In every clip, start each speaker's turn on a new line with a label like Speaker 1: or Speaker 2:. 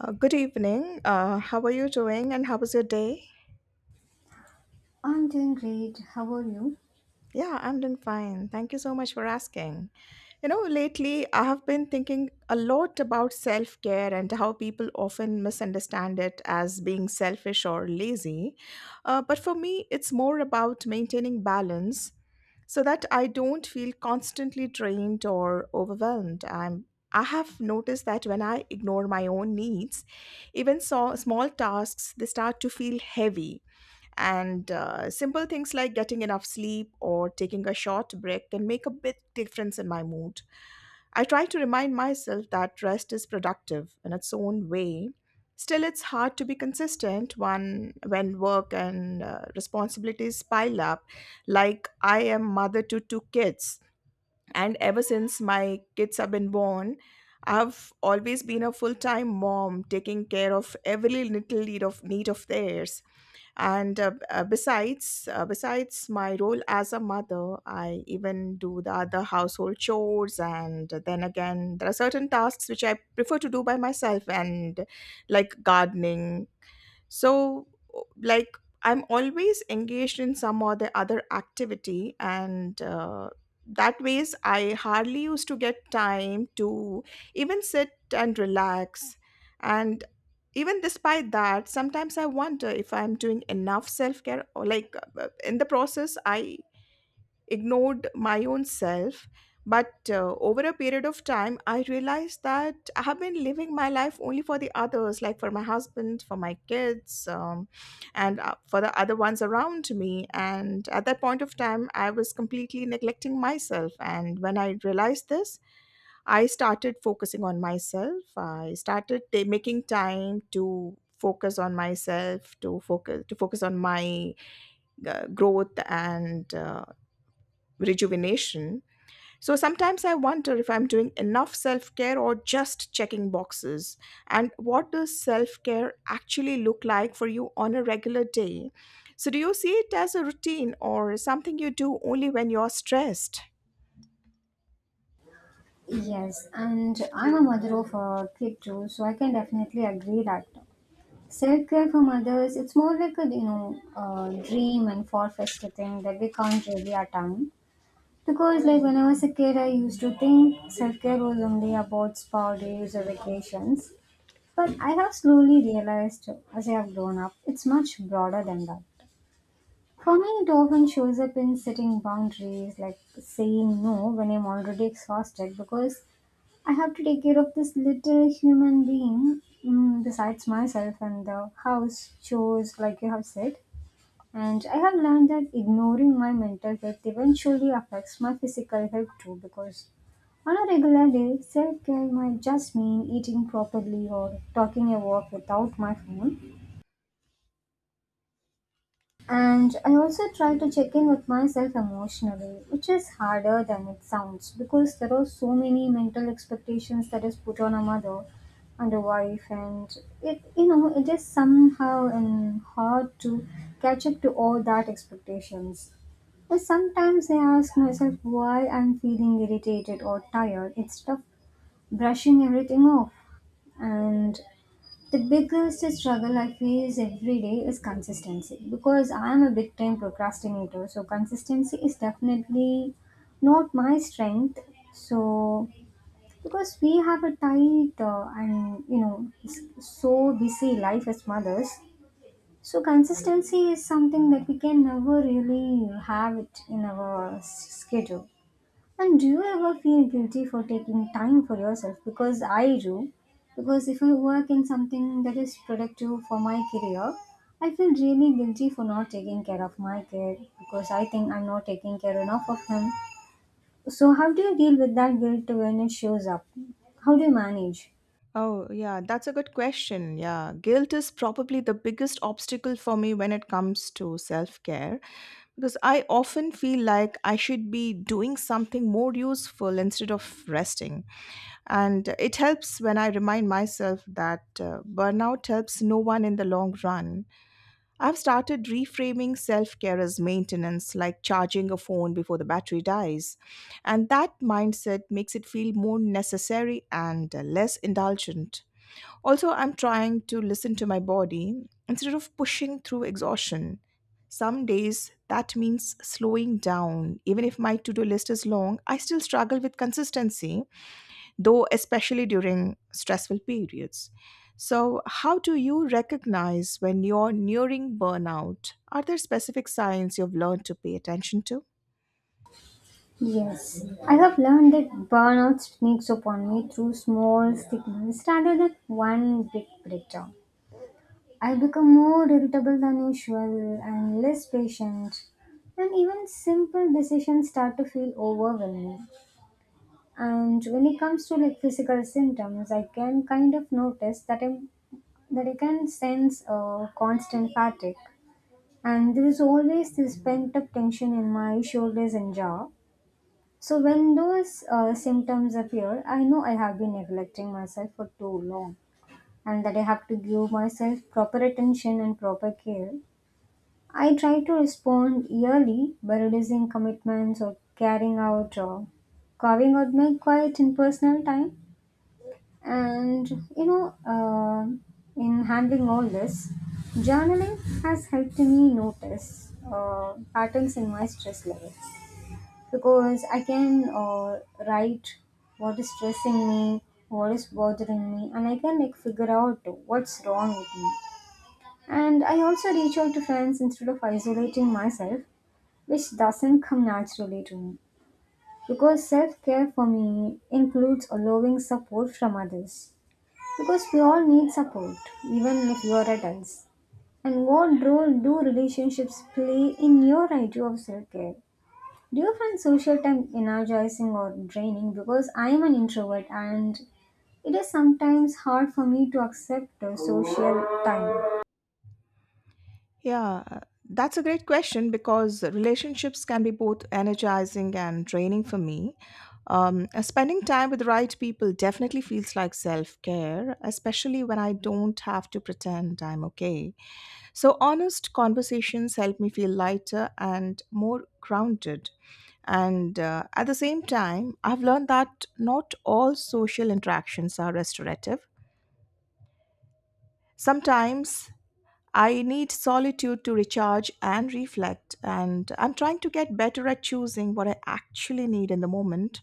Speaker 1: Good evening. How are you doing and how was your day?
Speaker 2: I'm doing great. How are you?
Speaker 1: Yeah, I'm doing fine. Thank you so much for asking. You know, lately I have been thinking a lot about self care and how people often misunderstand it as being selfish or lazy. But for me, it's more about maintaining balance so that I don't feel constantly drained or overwhelmed. I have noticed that when I ignore my own needs, even so, small tasks they start to feel heavy. And simple things like getting enough sleep or taking a short break can make a big difference in my mood. I try to remind myself that rest is productive in its own way. Still, it's hard to be consistent when work and responsibilities pile up. Like, I am mother to two kids, and ever since my kids have been born, I've always been a full time mom taking care of every little need of theirs and besides my role as a mother, I even do the other household chores, and then again there are certain tasks which I prefer to do by myself, and like gardening. So o- like I'm always engaged in some or the other activity, and that ways I hardly used to get time to even sit and relax. And even despite that, sometimes I wonder if I'm doing enough self care, or like in the process I ignored my own self. But over a period of time I realized that I have been living my life only for the others, like for my husband, for my kids, and for the other ones around me, and at that point of time I was completely neglecting myself. And when I realized this, I started focusing on myself. I started making time to focus on myself, to focus on my growth and rejuvenation. So sometimes I wonder if I'm doing enough self-care or just checking boxes. And what does self-care actually look like for you on a regular day? So do you see it as a routine or something you do only when you're stressed?
Speaker 2: Yes, and I'm a mother of a kid too, so I can definitely agree that self care for mothers it's more like a dream and far fetched thing that we can't really attain. Because like when I was a kid, I used to think self care was only about spa days or vacations. But I have slowly realized as I have grown up, it's much broader than that. For me, it often shows up in setting boundaries, like saying no when I'm already exhausted because I have to take care of this little human being, besides myself and the house chores, like you have said. And I have learned that ignoring my mental health eventually affects my physical health too, because on a regular day, self care might just mean eating properly or talking a walk without my phone. And I also try to check in with myself emotionally, which is harder than it sounds because there are so many mental expectations that is put on a mother and a wife, and it you know it is somehow and hard to catch up to all that expectations. And sometimes I ask myself why I'm feeling irritated or tired. It's tough brushing everything off. And the biggest struggle I face every day is consistency because I am a big time procrastinator. So consistency is definitely not my strength. So, because we have a tight and you know, so busy life as mothers, so consistency is something that we can never really have it in our schedule. And do you ever feel guilty for taking time for yourself? Because I do. Because if I work in something that is productive for my career, I feel really guilty for not taking care of my kid because I think I'm not taking care enough of him. So, how do you deal with that guilt when it shows up? How do you manage?
Speaker 1: Oh, yeah, that's a good question. Yeah, guilt is probably the biggest obstacle for me when it comes to self care, because I often feel like I should be doing something more useful instead of resting. And it helps when I remind myself that burnout helps no one in the long run. I've started reframing self care as maintenance, like charging a phone before the battery dies. And that mindset makes it feel more necessary and less indulgent. Also, I'm trying to listen to my body instead of pushing through exhaustion. Some days that means slowing down. Even if my to do list is long, I still struggle with consistency, though, especially during stressful periods. So, how do you recognize when you're nearing burnout? Are there specific signs you've learned to pay attention to?
Speaker 2: Yes, I have learned that burnout sneaks upon me through small signals rather than one big breakdown. I become more irritable than usual and less patient, and even simple decisions start to feel overwhelming. And when it comes to like physical symptoms, I can kind of notice that I'm that I can sense a constant fatigue, and there is always this pent up tension in my shoulders and jaw. So when those symptoms appear, I know I have been neglecting myself for too long, and that I have to give myself proper attention and proper care. I try to respond yearly by reducing commitments or carrying out or carving out my quiet and personal time. And you know, in handling all this, journaling has helped me notice patterns in my stress levels because I can write what is stressing me, what is bothering me, and I can like figure out what's wrong with me. And I also reach out to friends instead of isolating myself, which doesn't come naturally to me. Because self care for me includes allowing support from others. Because we all need support, even if you are adults. And what role do relationships play in your idea of self care? Do you find social time energizing or draining? Because I am an introvert and it is sometimes hard for me to accept the social time.
Speaker 1: Yeah, that's a great question, because relationships can be both energizing and draining for me. Spending time with the right people definitely feels like self care, especially when I don't have to pretend I'm okay. So, honest conversations help me feel lighter and more grounded. And at the same time, I've learned that not all social interactions are restorative. Sometimes I need solitude to recharge and reflect, and I'm trying to get better at choosing what I actually need in the moment.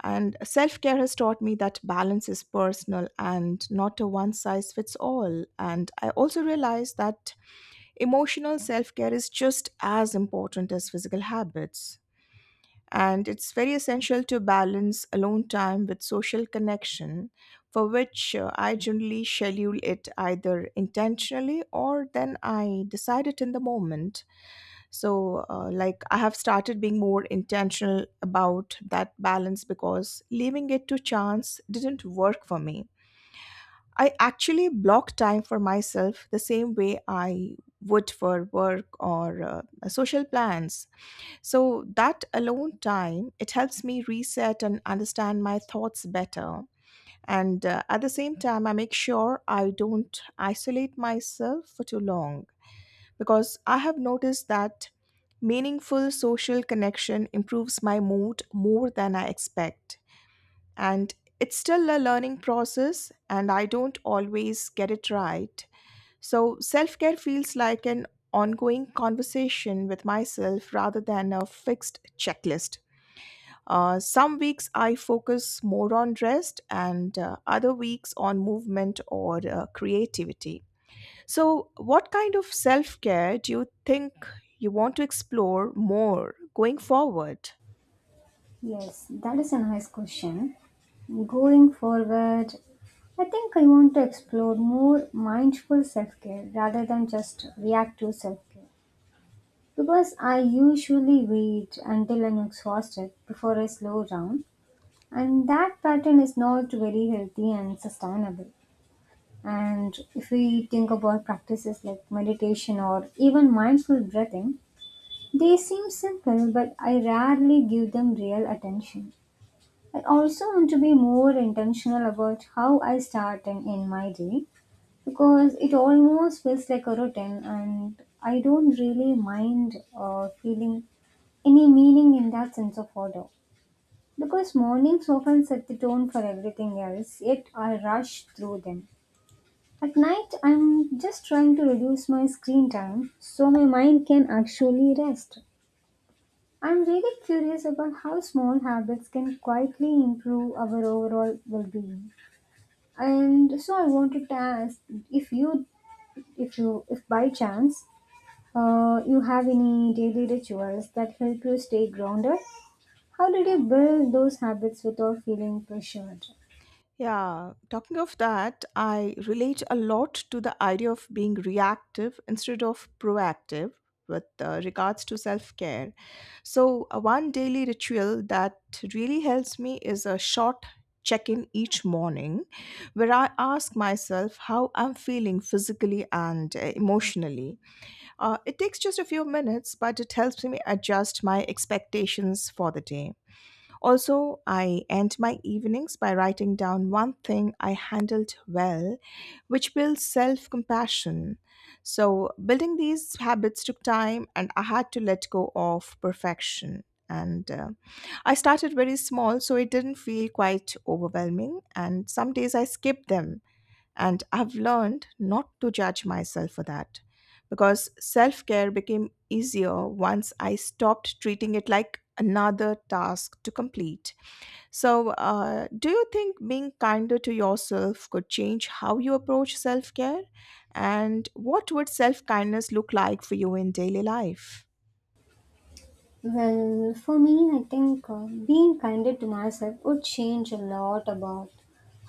Speaker 1: And self care has taught me that balance is personal and not a one size fits all. And I also realized that emotional self care is just as important as physical habits, and it's very essential to balance alone time with social connection, for which I generally schedule it either intentionally or then I decide it in the moment. So, I have started being more intentional about that balance, because leaving it to chance didn't work for me. I actually block time for myself the same way I would for work or social plans, so that alone time, it helps me reset and understand my thoughts better. And at the same time, I make sure I don't isolate myself for too long, because I have noticed that meaningful social connection improves my mood more than I expect. And it's still a learning process, and I don't always get it right. So, self care feels like an ongoing conversation with myself rather than a fixed checklist. Some weeks I focus more on rest, and other weeks on movement or creativity. So, what kind of self care do you think you want to explore more going forward?
Speaker 2: Yes, that is a nice question. Going forward, I think I want to explore more mindful self care rather than just reactive self care. Because I usually wait until I'm exhausted before I slow down, and that pattern is not very healthy and sustainable. And if we think about practices like meditation or even mindful breathing, they seem simple, but I rarely give them real attention. I also want to be more intentional about how I start and end my day because it almost feels like a routine and I don't really mind feeling any meaning in that sense of order, because mornings often set the tone for everything else yet I rush through them. At night I'm just trying to reduce my screen time so my mind can actually rest. I'm really curious about how small habits can quietly improve our overall well-being. And so I wanted to ask if you, if by chance, you have any daily rituals that help you stay grounded. How did you build those habits without feeling pressured?
Speaker 1: Yeah, talking of that, I relate a lot to the idea of being reactive instead of proactive with regards to self care. So, one daily ritual that really helps me is a short check in each morning where I ask myself how I'm feeling physically and emotionally. It takes just a few minutes, but it helps me adjust my expectations for the day. Also, I end my evenings by writing down one thing I handled well, which builds self compassion. So, building these habits took time, and I had to let go of perfection. And I started very small, so it didn't feel quite overwhelming. And some days I skipped them, and I've learned not to judge myself for that, because self care became easier once I stopped treating it like another task to complete. So, do you think being kinder to yourself could change how you approach self care? And what would self kindness look like for you in daily life?
Speaker 2: Well, for me, I think being kinder to myself would change a lot about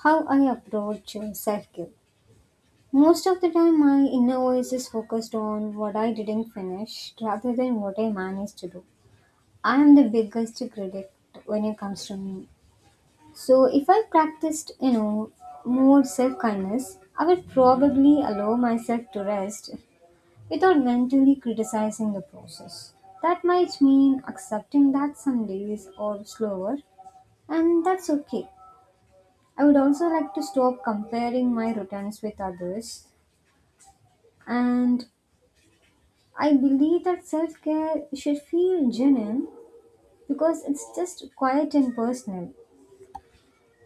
Speaker 2: how I approach self care. Most of the time, my inner voice is focused on what I didn't finish rather than what I managed to do. I am the biggest critic when it comes to me. So if I practiced, you know, more self-kindness, I would probably allow myself to rest without mentally criticizing the process. That might mean accepting that some days are slower, and that's okay. I would also like to stop comparing my routines with others, and I believe that self-care should feel genuine because it's just quiet and personal.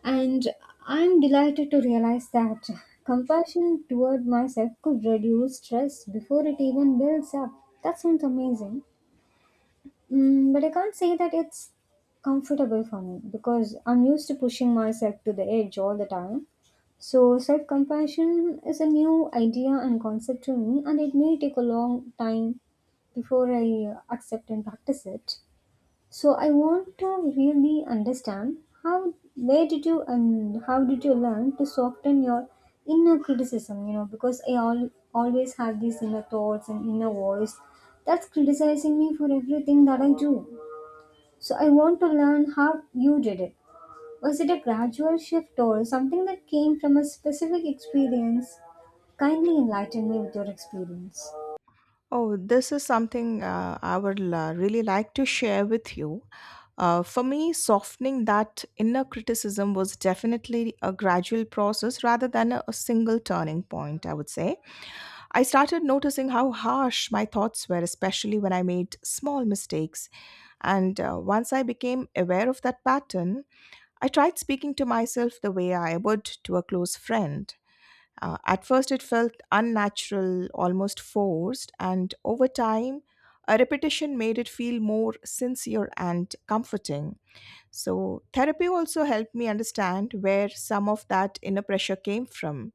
Speaker 2: And I'm delighted to realize that compassion toward myself could reduce stress before it even builds up. That sounds amazing. Mm, but I can't say that it's comfortable for me because I'm used to pushing myself to the edge all the time. So, self compassion is a new idea and concept to me, and it may take a long time before I accept and practice it. So I want to really understand how where did you and how did you learn to soften your inner criticism, you know, because I all always have these inner thoughts and inner voice that's criticizing me for everything that I do. So I want to learn how you did it. Was it a gradual shift or something that came from a specific experience? Kindly enlighten me with your experience.
Speaker 1: Oh, this is something I would la really like to share with you. For me, softening that inner criticism was definitely a gradual process rather than a single turning point, I would say. I started noticing how harsh my thoughts were, especially when I made small mistakes. And once I became aware of that pattern, I tried speaking to myself the way I would to a close friend. At first, it felt unnatural, almost forced, and over time, a repetition made it feel more sincere and comforting. So, therapy also helped me understand where some of that inner pressure came from.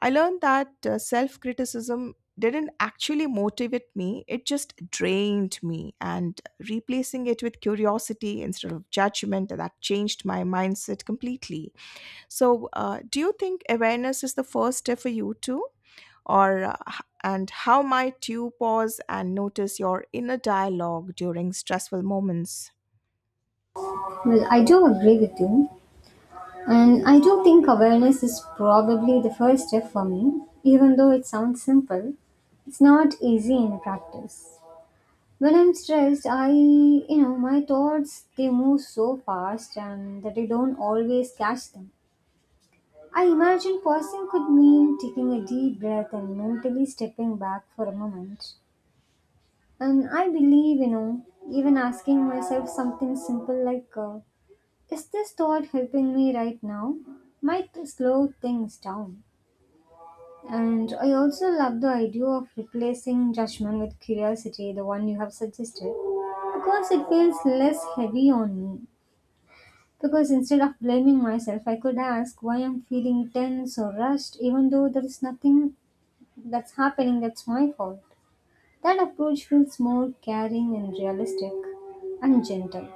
Speaker 1: I learned that self criticism didn't actually motivate me, it just drained me. And replacing it with curiosity instead of judgment, that changed my mindset completely. So, do you think awareness is the first step for you too? Or h- and how might you pause and notice your inner dialogue during stressful moments?
Speaker 2: Well, I do agree with you. And I do think awareness is probably the first step for me. Even though it sounds simple, it's not easy in practice. When I'm stressed, you know, my thoughts they move so fast and that I don't always catch them. I imagine pausing could mean taking a deep breath and mentally stepping back for a moment. And I believe, you know, even asking myself something simple like, is this thought helping me right now? Might slow things down. And I also love the idea of replacing judgment with curiosity, the one you have suggested, because it feels less heavy on me. Because instead of blaming myself, I could ask why I'm feeling tense or rushed, even though there is nothing that's happening that's my fault. That approach feels more caring and realistic and gentle.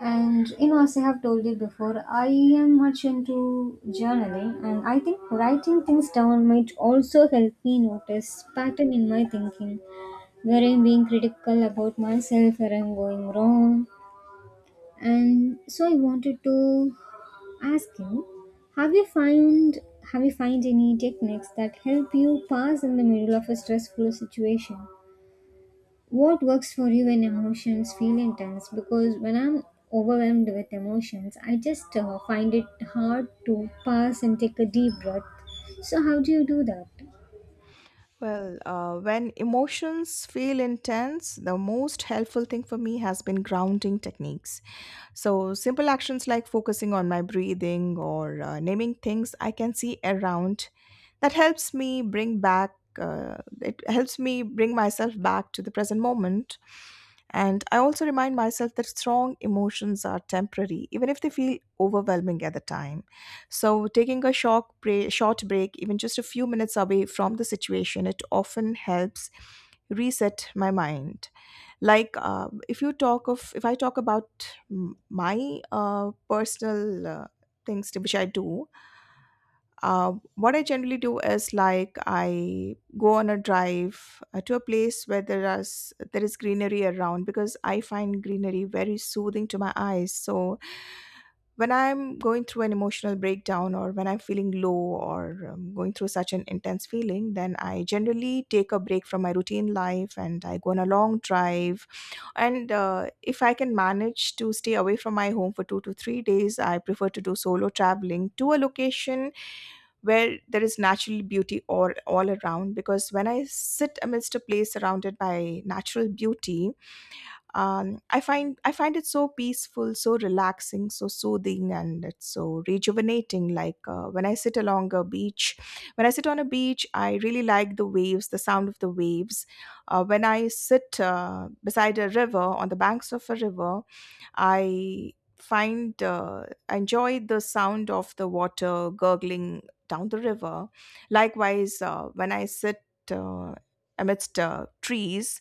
Speaker 2: And you know, as I have told you before, I am much into journaling, and I think writing things down might also help me notice pattern in my thinking, where I'm being critical about myself, where I'm going wrong. And so I wanted to ask you, have you find any techniques that help you pass in the middle of a stressful situation? What works for you when emotions feel intense? Because when I'm overwhelmed with emotions, I just find it hard to pass and take a deep breath. So, how do you do that?
Speaker 1: Well, when emotions feel intense, the most helpful thing for me has been grounding techniques. So, simple actions like focusing on my breathing or naming things I can see around, that helps me bring back, it helps me bring myself back to the present moment. And I also remind myself that strong emotions are temporary, even if they feel overwhelming at the time. So, taking a short break, even just a few minutes away from the situation, it often helps reset my mind. Like if I talk about my personal things to which I do, what I generally do is, like, I go on a drive to a place where there is greenery around, because I find greenery very soothing to my eyes. So when I'm going through an emotional breakdown or when I'm feeling low or going through such an intense feeling, then I generally take a break from my routine life and I go on a long drive. And if I can manage to stay away from my home for 2 to 3 days, I prefer to do solo traveling to a location where there is natural beauty all around, because when I sit amidst a place surrounded by natural beauty, I find it so peaceful, so relaxing, so soothing, and it's so rejuvenating. Like when I sit along a beach, when I sit on a beach, I really like the waves, the sound of the waves. When I sit beside a river, on the banks of a river, I find I enjoy the sound of the water gurgling down the river. Likewise, when I sit uh, amidst trees,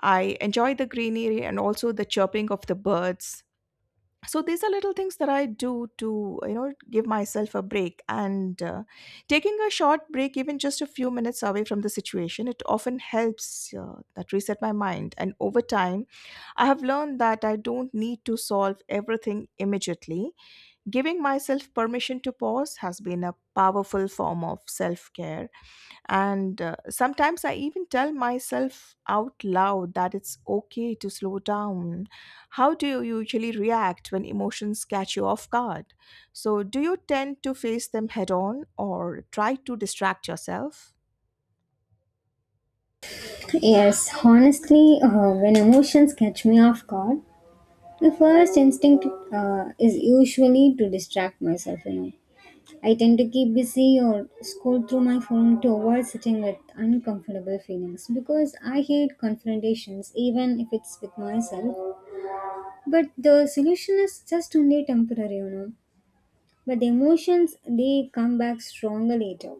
Speaker 1: I enjoy the greenery and also the chirping of the birds. So these are little things that I do to give myself a break. And taking a short break, even just a few minutes away from the situation, it often helps that reset my mind. And over time, I have learned that I don't need to solve everything immediately. Giving myself permission to pause has been a powerful form of self care. And sometimes I even tell myself out loud that it's okay to slow down. How do you usually react when emotions catch you off guard? So, do you tend to face them head on or try to distract yourself?
Speaker 2: Yes, honestly, when emotions catch me off guard, my first instinct is usually to distract myself, you know. I tend to keep busy or scroll through my phone to avoid sitting with uncomfortable feelings because I hate confrontations, even if it's with myself. But the solution is just only temporary, you know. But the emotions, they come back stronger later.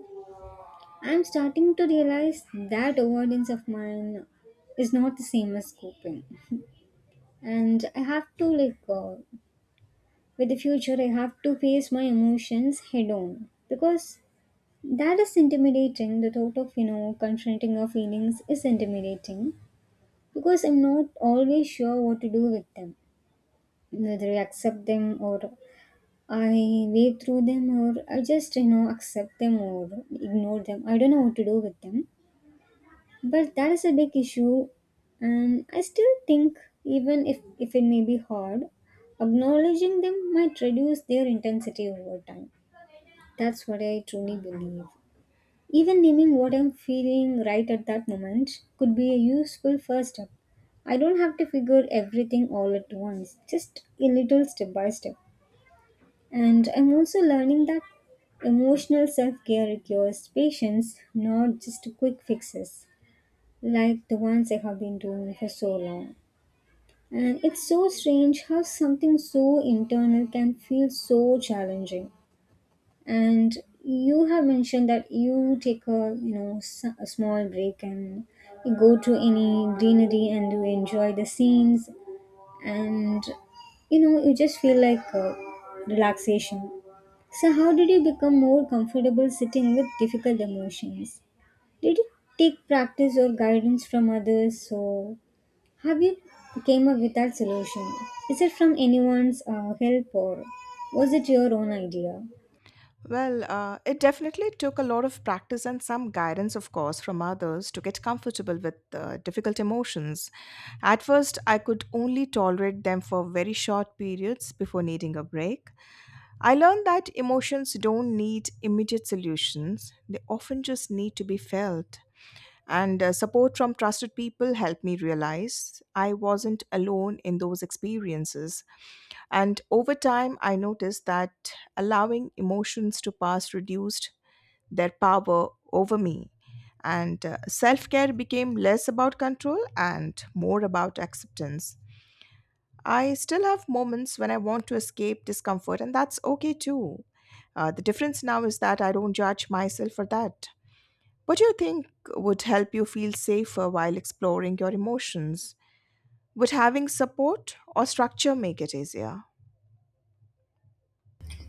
Speaker 2: I'm starting to realize that avoidance of mine is not the same as coping. And I have to, like, with the future, I have to face my emotions head on. Because that is intimidating. The thought of, you know, confronting our feelings is intimidating. Because I'm not always sure what to do with them, whether I accept them or I wade through them or I just, you know, accept them or ignore them. I don't know what to do with them. But that is a big issue. And I still think, even if it may be hard, acknowledging them might reduce their intensity over time. That's what I truly believe. Even naming what I'm feeling right at that moment could be a useful first step. I don't have to figure everything all at once, just a little step by step. And I'm also learning that emotional self care requires patience, not just quick fixes like the ones I have been doing for so long. And it's so strange how something so internal can feel so challenging. And you have mentioned that you take a a small break and you go to any greenery and you enjoy the scenes, and you just feel like relaxation. So how did you become more comfortable sitting with difficult emotions? Did you take practice or guidance from others? So, have you came up with that solution? Is it from anyone's help, or was it your own idea?
Speaker 1: Well, it definitely took a lot of practice and some guidance, of course, from others to get comfortable with difficult emotions. At first, I could only tolerate them for very short periods before needing a break. I learned that emotions don't need immediate solutions, they often just need to be felt. And support from trusted people helped me realize I wasn't alone in those experiences. And over time, I noticed that allowing emotions to pass reduced their power over me. And self care became less about control and more about acceptance. I still have moments when I want to escape discomfort, and that's okay too. The difference now is that I don't judge myself for that. What do you think would help you feel safer while exploring your emotions? Would having support or structure make it easier?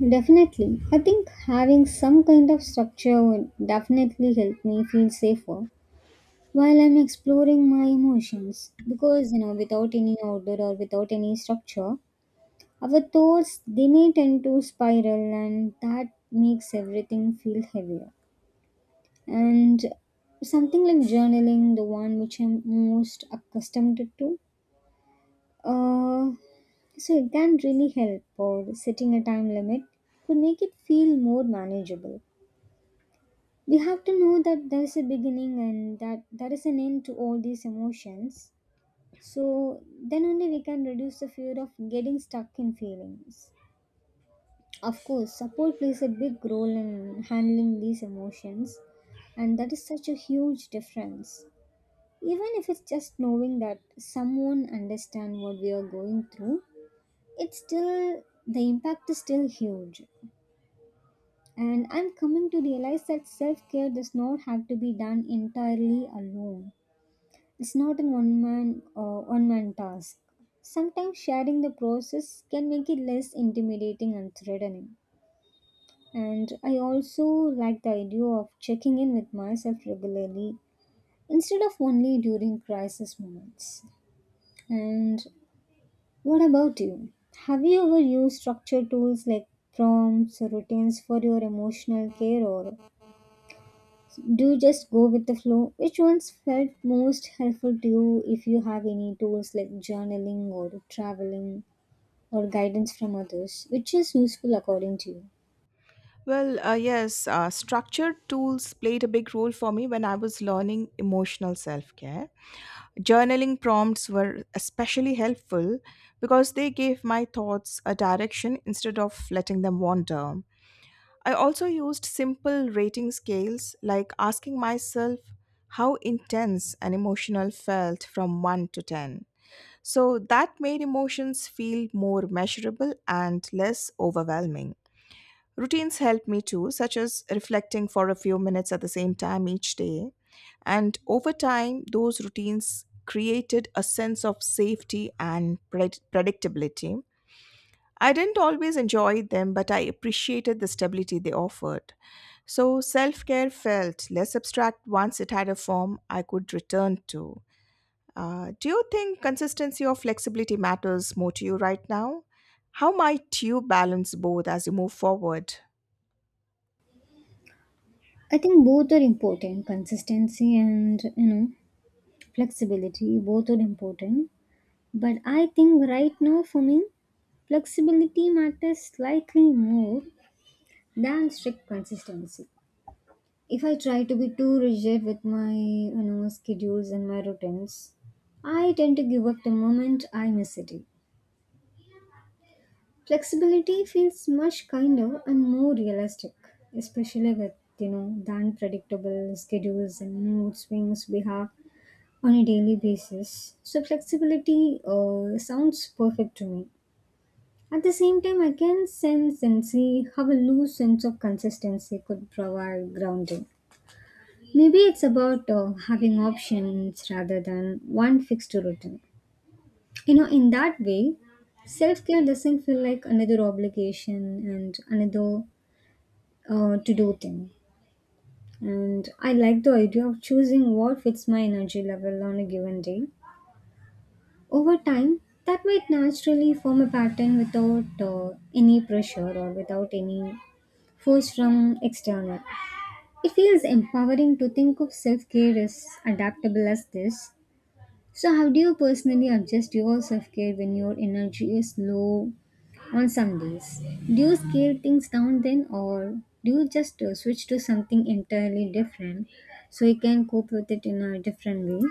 Speaker 2: Definitely. I think having some kind of structure would definitely help me feel safer while I'm exploring my emotions because, you know, without any order or without any structure, our thoughts they may tend to spiral and that makes everything feel heavier. And something like journaling, the one which I'm most accustomed to, uh, so it can really help, or setting a time limit could make it feel more manageable. We have to know that there is a beginning and that there is an end to all these emotions. So then only we can reduce the fear of getting stuck in feelings. Of course, support plays a big role in handling these emotions, and that is such a huge difference. Even if it's just knowing that someone understands what we are going through, it's still, the impact is still huge. And I'm coming to realize that self care does not have to be done entirely alone. It's not a one man task. Sometimes sharing the process can make it less intimidating and threatening. And I also like the idea of checking in with myself regularly instead of only during crisis moments. And what about you? Have you ever used structured tools like prompts or routines for your emotional care, or do you just go with the flow? Which ones felt most helpful to you if you have any tools like journaling or traveling or guidance from others? Which is useful according to you?
Speaker 1: Well, yes, structured tools played a big role for me when I was learning emotional self care. Journaling prompts were especially helpful because they gave my thoughts a direction instead of letting them wander. I also used simple rating scales, like asking myself how intense and emotional felt from 1 to 10. So that made emotions feel more measurable and less overwhelming. Routines helped me too, such as reflecting for a few minutes at the same time each day. And over time, those routines created a sense of safety and predictability. I didn't always enjoy them, but I appreciated the stability they offered. So self care felt less abstract once it had a form I could return to. Do you think consistency or flexibility matters more to you right now? How might you balance both as you move forward?
Speaker 2: I think both are important, consistency and flexibility, both are important, but I think right now for me, flexibility matters slightly more than strict consistency. If I try to be too rigid with my schedules and my routines, I tend to give up the moment I miss it. Flexibility feels much kinder and more realistic, especially with the unpredictable schedules and mood swings we have on a daily basis. So flexibility sounds perfect to me. At the same time, I can sense and see how a loose sense of consistency could provide grounding. Maybe it's about having options rather than one fixed routine. You know, in that way, self care doesn't feel like another obligation and another to do thing. And I like the idea of choosing what fits my energy level on a given day. Over time, that might naturally form a pattern without any pressure or without any force from external. It feels empowering to think of self care as adaptable as this. So how do you personally adjust your self care when your energy is low on some days? Do you scale things down then, or do you just switch to something entirely different so you can cope with it in a different way?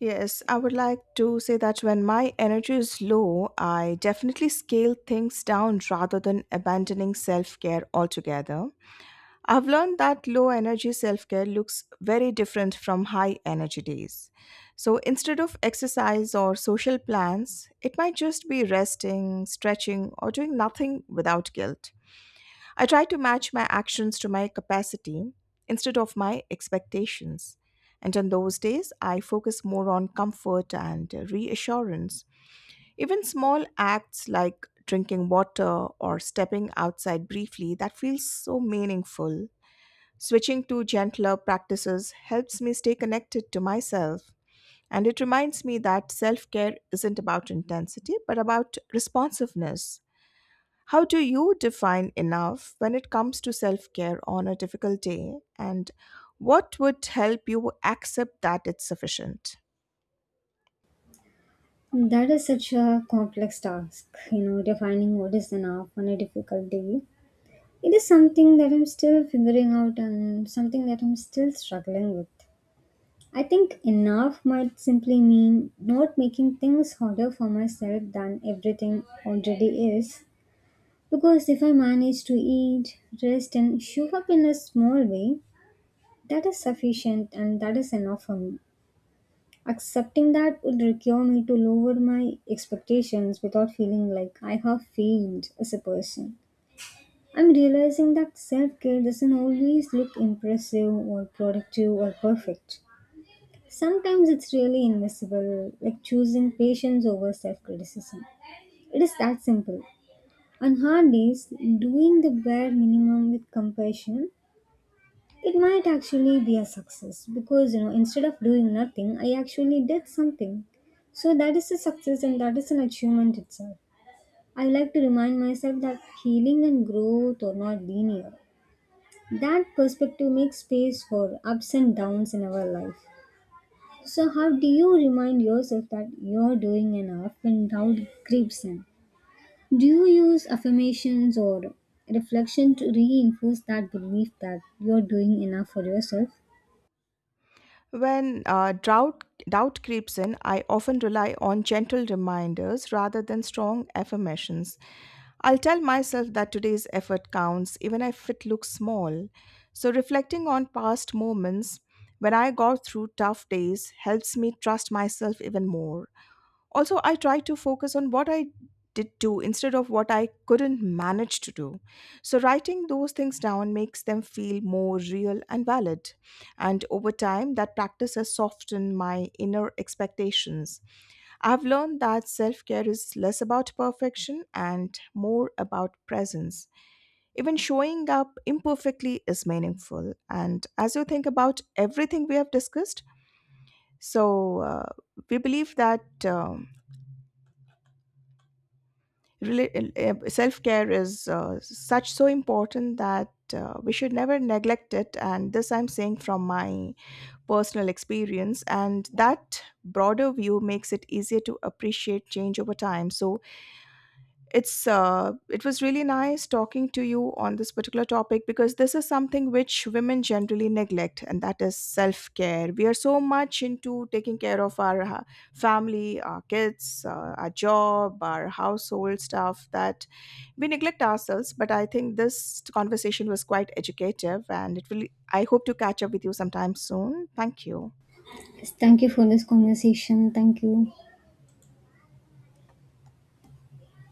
Speaker 1: Yes, I would like to say that when my energy is low, I definitely scale things down rather than abandoning self care altogether. I've learned that low energy self care looks very different from high energy days. So instead of exercise or social plans, it might just be resting, stretching, or doing nothing without guilt. I try to match my actions to my capacity instead of my expectations. And on those days, I focus more on comfort and reassurance. Even small acts like drinking water or stepping outside briefly, that feels so meaningful. Switching to gentler practices helps me stay connected to myself, and it reminds me that self care isn't about intensity but about responsiveness. How do you define enough when it comes to self care on a difficult day, and what would help you accept that it's sufficient?
Speaker 2: That is such a complex task, you know, defining what is enough on a difficult day. It is something that I'm still figuring out and something that I'm still struggling with. I think enough might simply mean not making things harder for myself than everything already is. Because if I manage to eat, rest, and show up in a small way, that is sufficient and that is enough for me. Accepting that would require me to lower my expectations without feeling like I have failed as a person. I'm realizing that self care doesn't always look impressive or productive or perfect. Sometimes it's really invisible, like choosing patience over self criticism. It is that simple. On hard days, doing the bare minimum with compassion, it might actually be a success because instead of doing nothing, I actually did something. So that is a success and that is an achievement itself. I like to remind myself that healing and growth are not linear. That perspective makes space for ups and downs in our life. So how do you remind yourself that you're doing enough when doubt creeps in? Do you use affirmations or reflection to reinforce that belief that you're doing enough for yourself?
Speaker 1: When doubt creeps in, I often rely on gentle reminders rather than strong affirmations. I'll tell myself that today's effort counts, even if it looks small. So, reflecting on past moments when I got through tough days helps me trust myself even more. Also, I try to focus on what I did do instead of what I couldn't manage to do. So writing those things down makes them feel more real and valid, and over time that practice has softened my inner expectations. I've learned that self-care is less about perfection and more about presence. Even showing up imperfectly is meaningful. And as you think about everything we have discussed, so uh, we believe that self care is such so important that we should never neglect it. And this I'm saying from my personal experience, and that broader view makes it easier to appreciate change over time. So it was really nice talking to you on this particular topic, because this is something which women generally neglect, and that is self care. We are so much into taking care of our family, our kids, our job, our household stuff that we neglect ourselves. But I think this conversation was quite educative, and it will, I hope to catch up with you sometime soon. Thank you.
Speaker 2: Thank you for this conversation. Thank you.